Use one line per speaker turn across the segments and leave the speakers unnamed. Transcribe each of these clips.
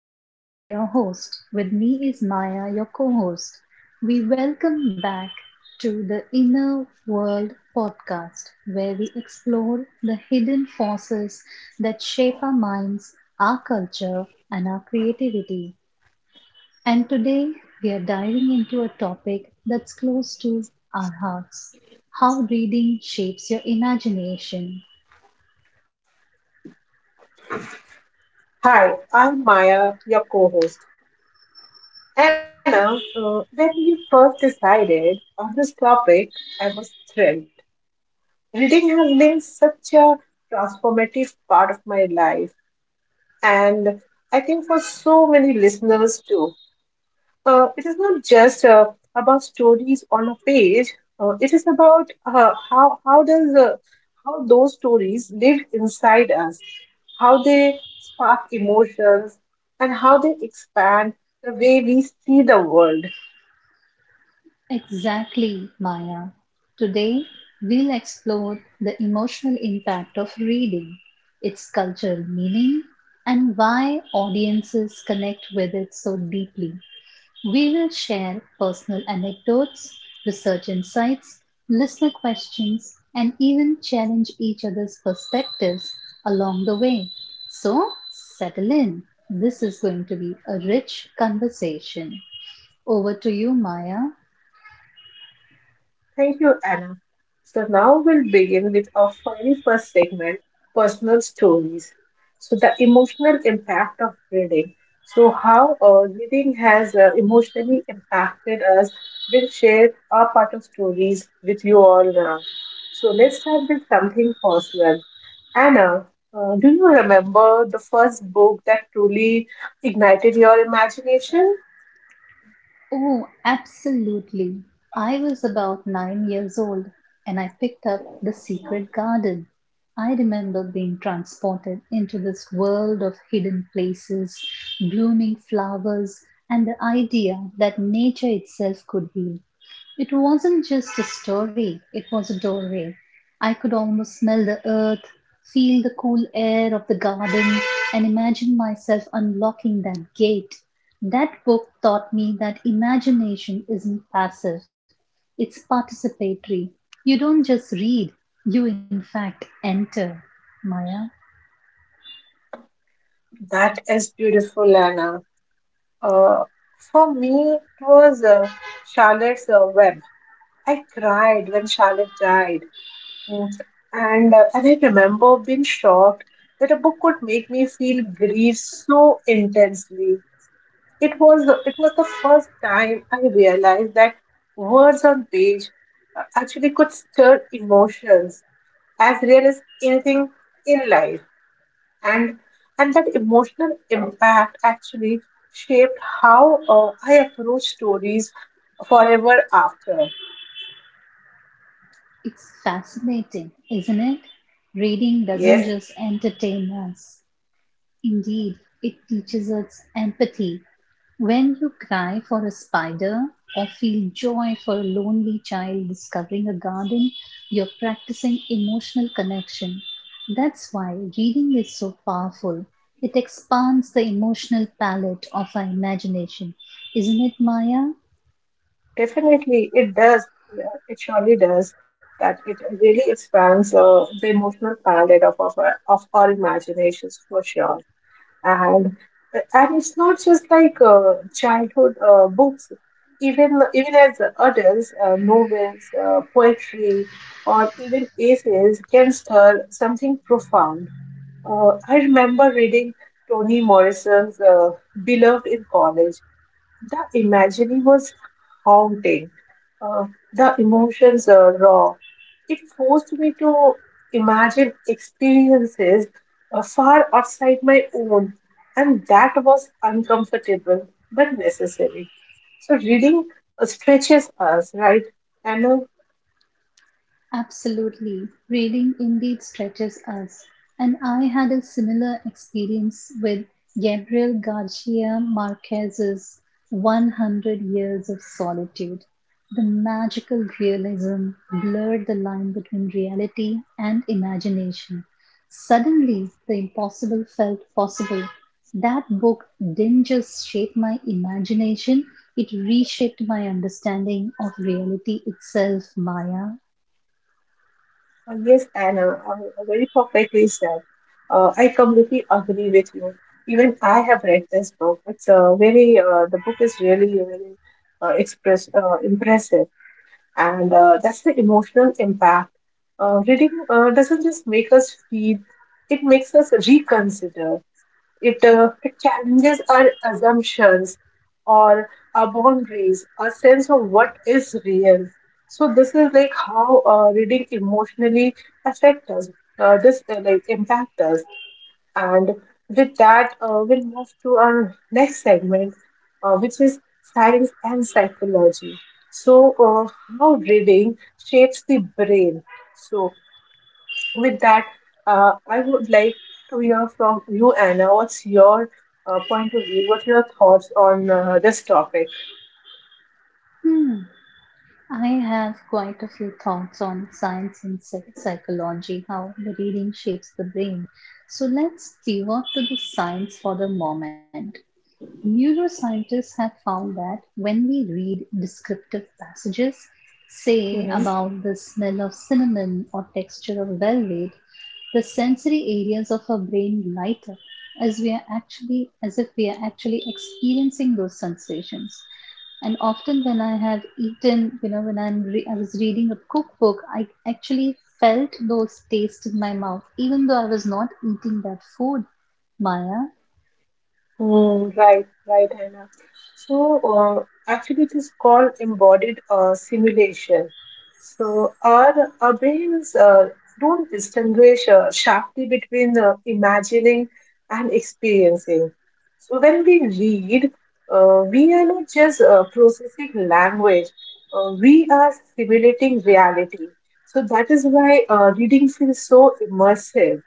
I'm Anna, your host. With me is Maya, your co host. We welcome back to the Inner World podcast, where we explore the hidden forces that shape our minds, our culture, and our creativity. And today we are diving into a topic that's close to our hearts how reading shapes your imagination.
Hi, I'm Maya, your co host. Anna, when we first decided on this topic, I was thrilled. Reading has been such a transformative part of my life, and I think for so many listeners too. It is not just about stories on a page, it is about how those stories live inside us, how they spark emotions, and how they expand the way we see the world.
Exactly, Maya. Today, we'll explore the emotional impact of reading, its cultural meaning, and why audiences connect with it so deeply. We will share personal anecdotes, research insights, listener questions, and even challenge each other's perspectives along the way. So, settle in. This is going to be a rich conversation. Over to you, Maya.
Thank you, Anna. So now we'll begin with our very first segment, personal stories. So the emotional impact of reading. So how reading has emotionally impacted us. We'll share our part of stories with you all now. So let's start with something personal. Anna, do you remember the first book that truly ignited your imagination?
Oh, absolutely. I was about 9 years old and I picked up The Secret Garden. I remember being transported into this world of hidden places, blooming flowers, and the idea that nature itself could heal. It wasn't just a story, it was a doorway. I could almost smell the earth, feel the cool air of the garden, and imagine myself unlocking that gate. That book taught me that imagination isn't passive, it's participatory. You don't just read, you in fact enter. Maya,
That is beautiful, Anna. Uh, for me, it was Charlotte's Web. I cried when Charlotte died. Mm. And I remember being shocked that a book could make me feel grief so intensely. It was the first time I realized that words on page actually could stir emotions as real as anything in life, and and that emotional impact actually shaped how I approach stories forever after.
it's fascinating, isn't it? Reading doesn't
Yes,
just entertain us. Indeed, it teaches us empathy. When you cry for a spider or feel joy for a lonely child discovering a garden, you're practicing emotional connection. That's why reading is so powerful. It expands the emotional palette of our imagination. Isn't it, Maya?
definitely it does. It surely does. That it really expands the emotional palette of our imaginations for sure. and and it's not just like childhood books, even as adults, novels, poetry, or even essays can stir something profound. I remember reading Toni Morrison's Beloved in college. The imagery was haunting. Uh, the emotions are raw. It forced me to imagine experiences far outside my own, and that was uncomfortable but necessary. So, reading stretches us, right? And
Absolutely. Reading indeed stretches us. And I had a similar experience with Gabriel Garcia Marquez's 100 Years of Solitude. The magical realism blurred the line between reality and imagination. Suddenly, the impossible felt possible. That book didn't just shape my imagination, it reshaped my understanding of reality itself, Maya.
Yes, Anna, very perfectly said. I completely agree with you. Even I have read this book. It's very the book is really really express impressive, and that's the emotional impact. Reading doesn't just make us feel; it makes us reconsider. It challenges our assumptions or our boundaries, our sense of what is real. So this is like how reading emotionally affect us. This like impact us, and with that, we'll move to our next segment, which is science and psychology. So, uh, how reading shapes the brain. So, with that, I would like to hear from you, Anna. What's your point of view? What are your thoughts on this topic?
Hmm. I have quite a few thoughts on science and psychology, how the reading shapes the brain. So let's pivot to the science for the moment. Neuroscientists have found that when we read descriptive passages, say
Mhm.
about the smell of cinnamon or texture of velvet, the sensory areas of our brain light up as we are actually as if we are actually experiencing those sensations, and often when I have eaten, I was reading a cookbook. I actually felt those tastes in my mouth even though I was not eating that food, Maya.
Mm, right, right, Anna. So, uh, actually, it is called embodied simulation. So, our brains don't distinguish sharply between imagining and experiencing. So, when we read, we are not just processing language, we are simulating reality. So, that is why reading feels so immersive.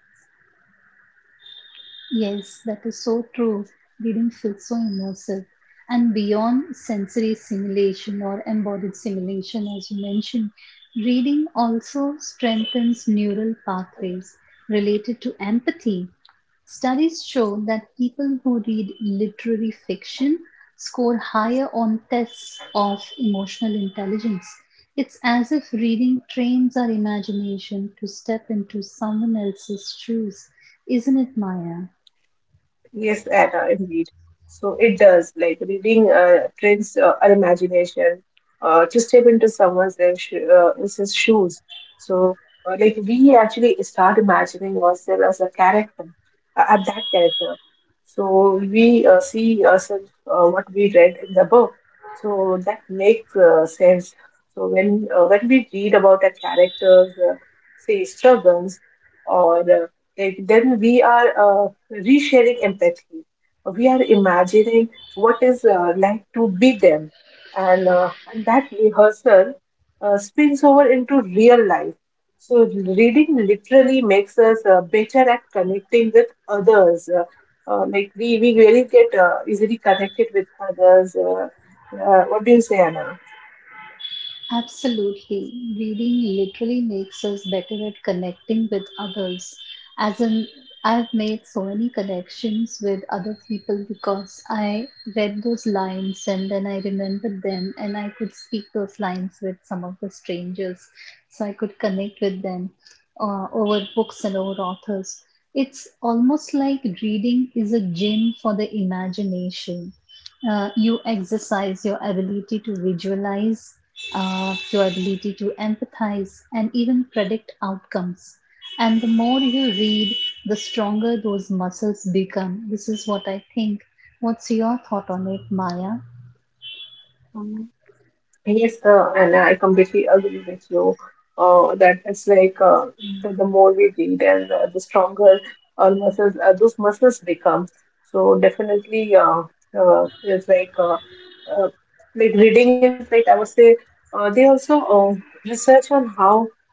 Yes, that is so true. Reading feels so immersive, and beyond sensory simulation or embodied simulation as you mentioned, reading also strengthens neural pathways related to empathy. Studies show that people who read literary fiction score higher on tests of emotional intelligence. It's as if reading trains our imagination to step into someone else's shoes. Isn't it, Maya?
Yes, Anna, indeed. So it does. Like reading trains our imagination to step into someone else's shoes. So like we actually start imagining ourselves as a character, at that character. So we see ourselves what we read in the book. So that makes sense. So when we read about a character's, say, struggles or like, then we are resharing empathy. We are imagining what is like to be them, and that rehearsal spills over into real life. So reading literally makes us better at connecting with others. Like we really get easily connected with others. What do you say, Anna?
Absolutely. Reading literally makes us better at connecting with others. As in, I've made so many connections with other people because I read those lines and then I remembered them and I could speak those lines with some of the strangers. So I could connect with them over books and over authors. It's almost like reading is a gym for the imagination. You exercise your ability to visualize, your ability to empathize and even predict outcomes. And the more you read, the stronger those muscles become. This is what I think. What's your thought on it, Maya?
Mm-hmm. Yes, and I completely agree with you that it's like the more we detail, the stronger our muscles, those muscles become. So definitely, it's uh, like reading is like I would say they also research on how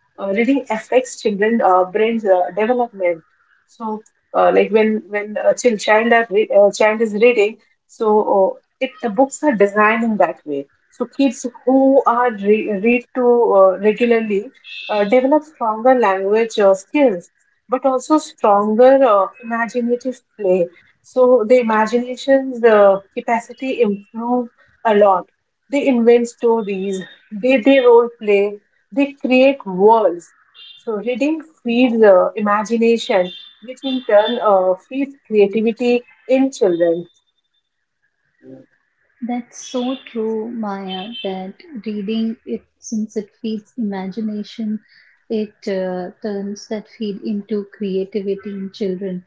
reading affects children brain's development. So like when a child child, are re- child is reading, so it the books are designed in that way so kids who are read to regularly develop stronger language skills, but also stronger imaginative play. So the imagination's capacity improve a lot. They invent stories. They role play. They create worlds. So reading feeds imagination, which in turn feeds creativity in children.
That's so true, Maya, that reading it, since it feeds imagination, it turns that feed into creativity in children.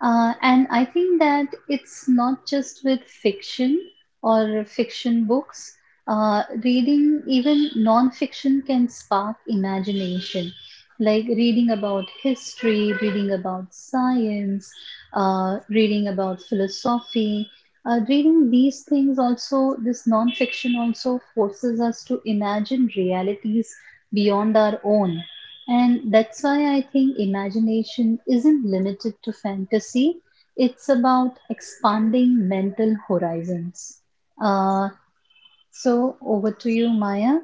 And I think that it's not just with fiction or fiction books. Reading even non-fiction can spark imagination, like reading about history, reading about science, reading about philosophy, reading these things also, this nonfiction also forces us to imagine realities beyond our own. And that's why I think imagination isn't limited to fantasy, it's about expanding mental horizons. Uh, so, over to you, Maya.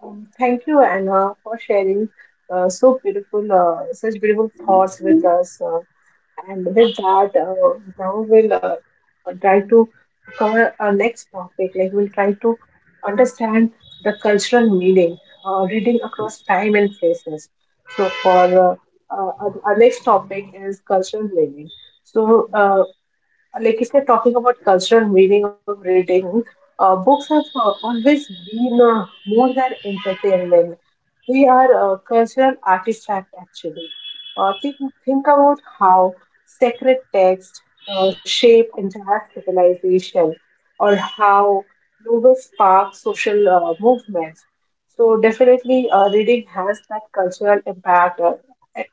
Thank you, Anna, for sharing such beautiful thoughts with us. And with that, now we'll try to cover our next topic. Like we'll try to understand the cultural meaning, reading across time and places. So for our next topic is cultural meaning. So, like if you're talking about cultural meaning of reading, books have always been more than entertainment, we are a cultural artifact, actually. Uh, think, think about how sacred texts shape entire civilization, or how novels spark social movements. So definitely, reading has that cultural impact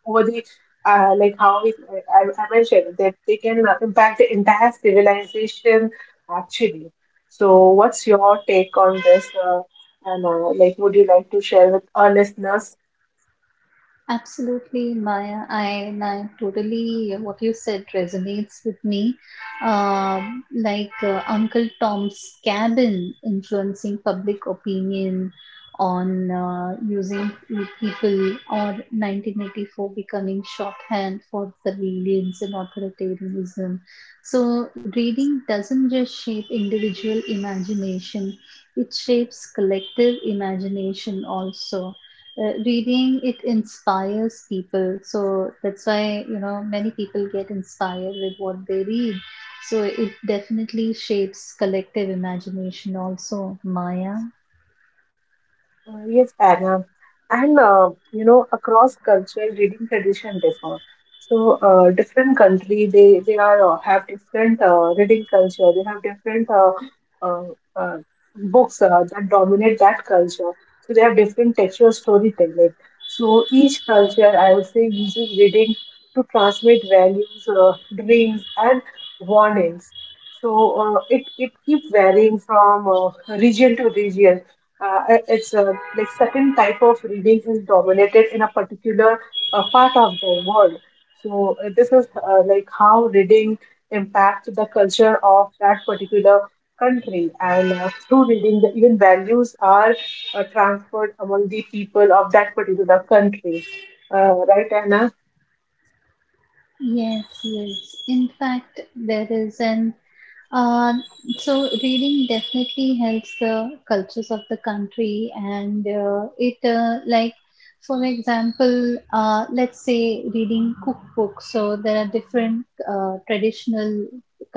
over the like how I mentioned that they can impact the entire civilization actually. So, what's your take on this? And like, would you like to share with our listeners?
Absolutely, Maya. I, and I totally what you said resonates with me. Uncle Tom's Cabin influencing public opinion on using people, or 1984 becoming shorthand for surveillance and authoritarianism. So, reading doesn't just shape individual imagination, it shapes collective imagination also. Reading it inspires people, so that's why, you know, many people get inspired with what they read. So it definitely shapes collective imagination also, Maya.
Yes, Anna. And you know, across culture, reading tradition differ. So different country, they are have different reading culture. They have different uh, uh, books that dominate that culture. So they have different textual storytelling. So each culture, I would say, uses reading to transmit values, dreams, and warnings. So it keeps varying from region to region. It's a like certain type of reading is dominated in a particular part of the world. So this is like how reading impacts the culture of that particular country, and through reading, the even values are transferred among the people of that particular country. Right, Anna?
Yes, yes. In fact, there is an Uh, so reading definitely helps the cultures of the country, and it like for example let's say reading cookbooks. So there are different traditional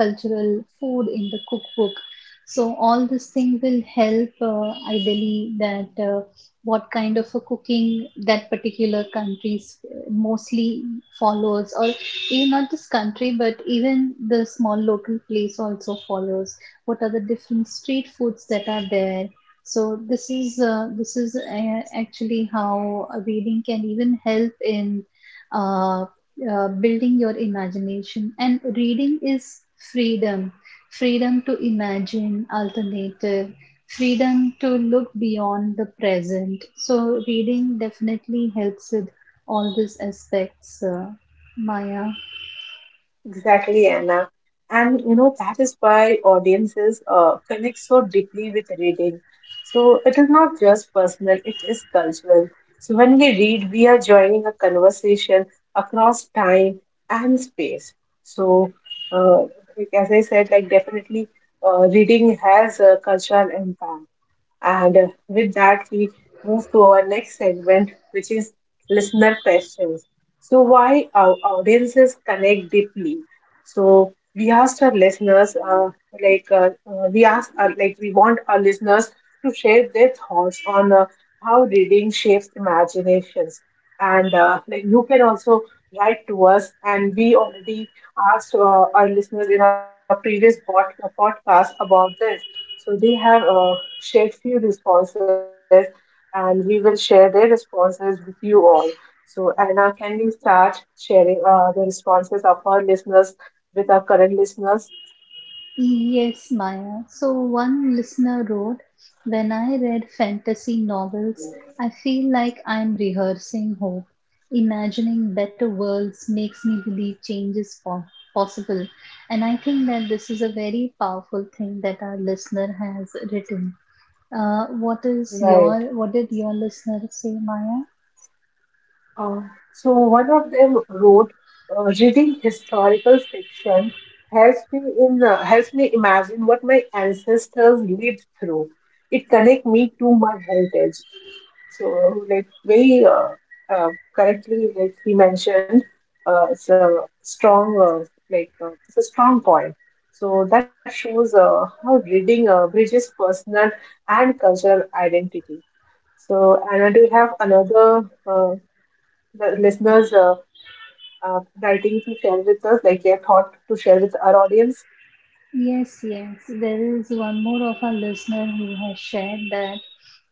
cultural food in the cookbook, so all this thing will help, ideally, that what kind of a cooking that particular country mostly follows, or even not this country, but even the small local place also follows. What are the different street foods that are there? So this is actually how a reading can even help in uh, building your imagination. And reading is freedom, freedom to imagine alternative, freedom to look beyond the present. So reading definitely helps with all these aspects, Maya.
Exactly, Anna. And you know, that is why audiences connect so deeply with reading. So it is not just personal, it is cultural. So when we read, we are joining a conversation across time and space. So, uh, like as I said, like definitely reading has a cultural impact. And with that, we move to our next segment, which is listener questions. So, why our audiences connect deeply? So, we asked our listeners, we asked, like we want our listeners to share their thoughts on how reading shapes imaginations. And like you can also write to us. And we already asked our listeners in our previous podcast about this. So they have shared few responses, and we will share their responses with you all. So Anna, can we start sharing the responses of our listeners with our current listeners?
Yes, Maya. So one listener wrote, when I read fantasy novels, I feel like I'm rehearsing hope. Imagining better worlds makes me believe change is possible. And I think that this is a very powerful thing that our listener has written. What is
Right.
your, what did your listener say, Maya?
Uh, so one of them wrote, "Reading historical fiction helps me in helps me imagine what my ancestors lived through. It connects me to my heritage." So, like very correctly, like he mentioned, it's a strong, it's a strong point. So that shows how reading bridges personal and cultural identity. So, Anna, do you have another the listeners writing to share with us, like their thought to share with our audience?
Yes, yes. There is one more of our listener who has shared that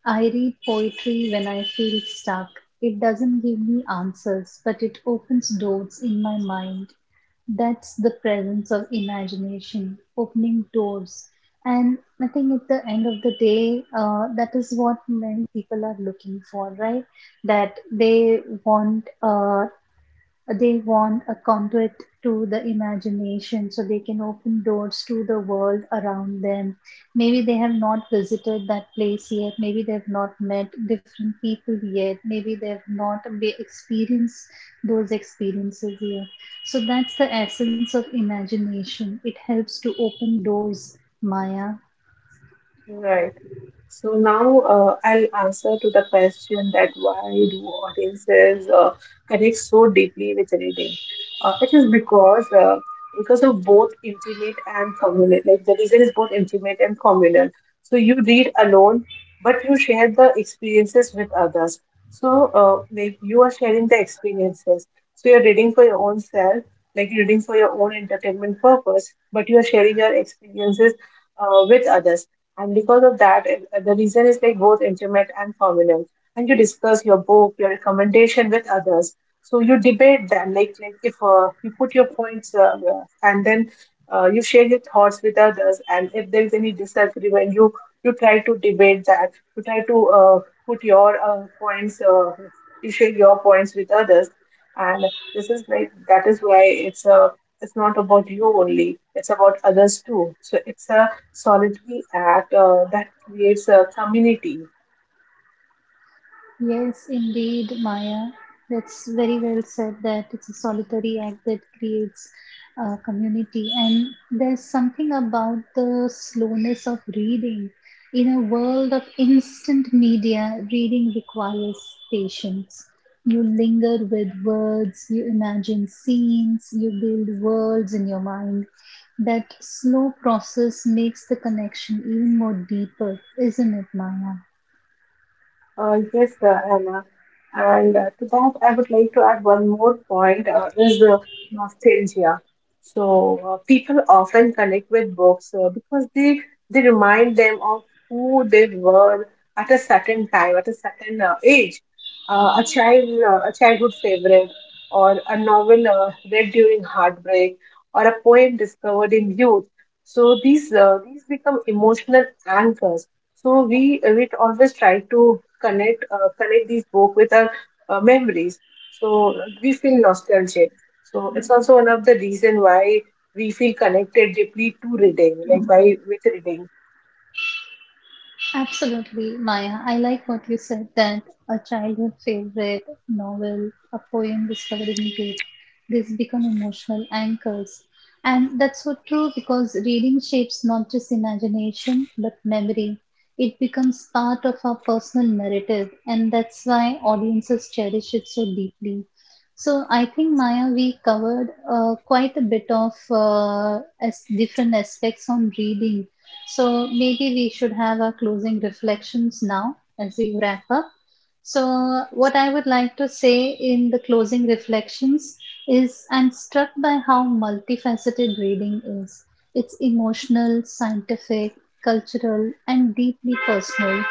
I read poetry when I feel stuck. It doesn't give me answers, but it opens doors in my mind. That's the presence of imagination, opening doors. And I think at the end of the day, that is what many people are looking for, right? That want uh, they want a conduit to the imagination so they can open doors to the world around them. Maybe they have not visited that place yet, maybe they have not met different people yet, maybe they have not experienced those experiences yet. So that's the essence of imagination, it helps to open doors, Maya.
Right. So now I'll answer to the question that why do audiences connect so deeply with reading? It is because of both intimate and communal. Like the reason is both intimate and communal. So you read alone, but you share the experiences with others. So like you are sharing the experiences. So you're reading for your own self, like you're reading for your own entertainment purpose, but you are sharing your experiences with others, and because of that, the reason is like both intimate and formal. And you discuss your book, your recommendation with others. So you debate them, like if you put your points, and then you share your thoughts with others. And if there is any disagreement, you try to debate that. You try to put your points, you share your points with others. And this is like that is why it's a, it's not about you only. It's about others too. So it's a solidly at that creates a community.
Yes, indeed, Maya. That's very well said that it's a solitary act that creates a community. And there's something about the slowness of reading. In a world of instant media, reading requires patience. You linger with words, you imagine scenes, you build worlds in your mind. That slow process makes the connection even more deeper, isn't it, Maya?
Yes, Anna. And to that, I would like to add one more point, is the nostalgia. So people often connect with books because they remind them of who they were at a certain time, at a certain age. A childhood favorite, or a novel read during heartbreak, or a poem discovered in youth. So these become emotional anchors, so we always try to connect these book with our memories. So we feel nostalgic. So it's also one of the reason why we feel connected deeply to reading, like by with reading.
Absolutely, Maya. I like what you said that a childhood favorite novel, a poem discovering youth, these become emotional anchors. And that's so true because reading shapes not just imagination but memory. It becomes part of our personal narrative, and that's why audiences cherish it so deeply. So I think, Maya, we covered quite a bit of as different aspects on reading, so maybe we should have our closing reflections now as we wrap up. So, what I would like to say in the closing reflections is I'm struck by how multifaceted reading is. It's emotional, scientific, cultural, and deeply personal.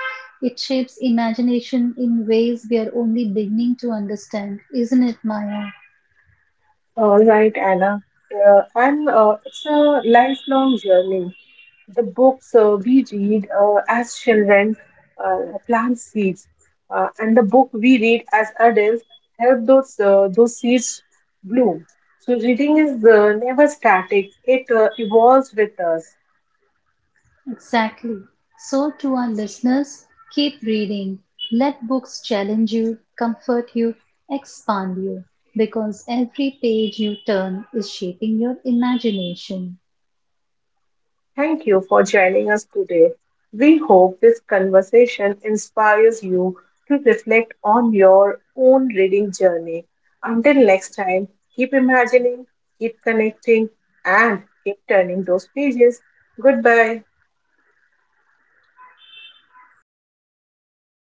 It shapes imagination in ways we are only beginning to understand, isn't it, Maya?
All right, Anna. And It's a lifelong journey. The books we read as children plant seeds, and the book we read as adults help those seeds bloom. So reading is never static; it evolves with us.
Exactly. So, to our listeners, keep reading. Let books challenge you, comfort you, expand you, because every page you turn is shaping your imagination.
Thank you for joining us today. We hope this conversation inspires you to reflect on your own reading journey. Until next time, keep imagining, keep connecting, and keep turning those pages. Goodbye.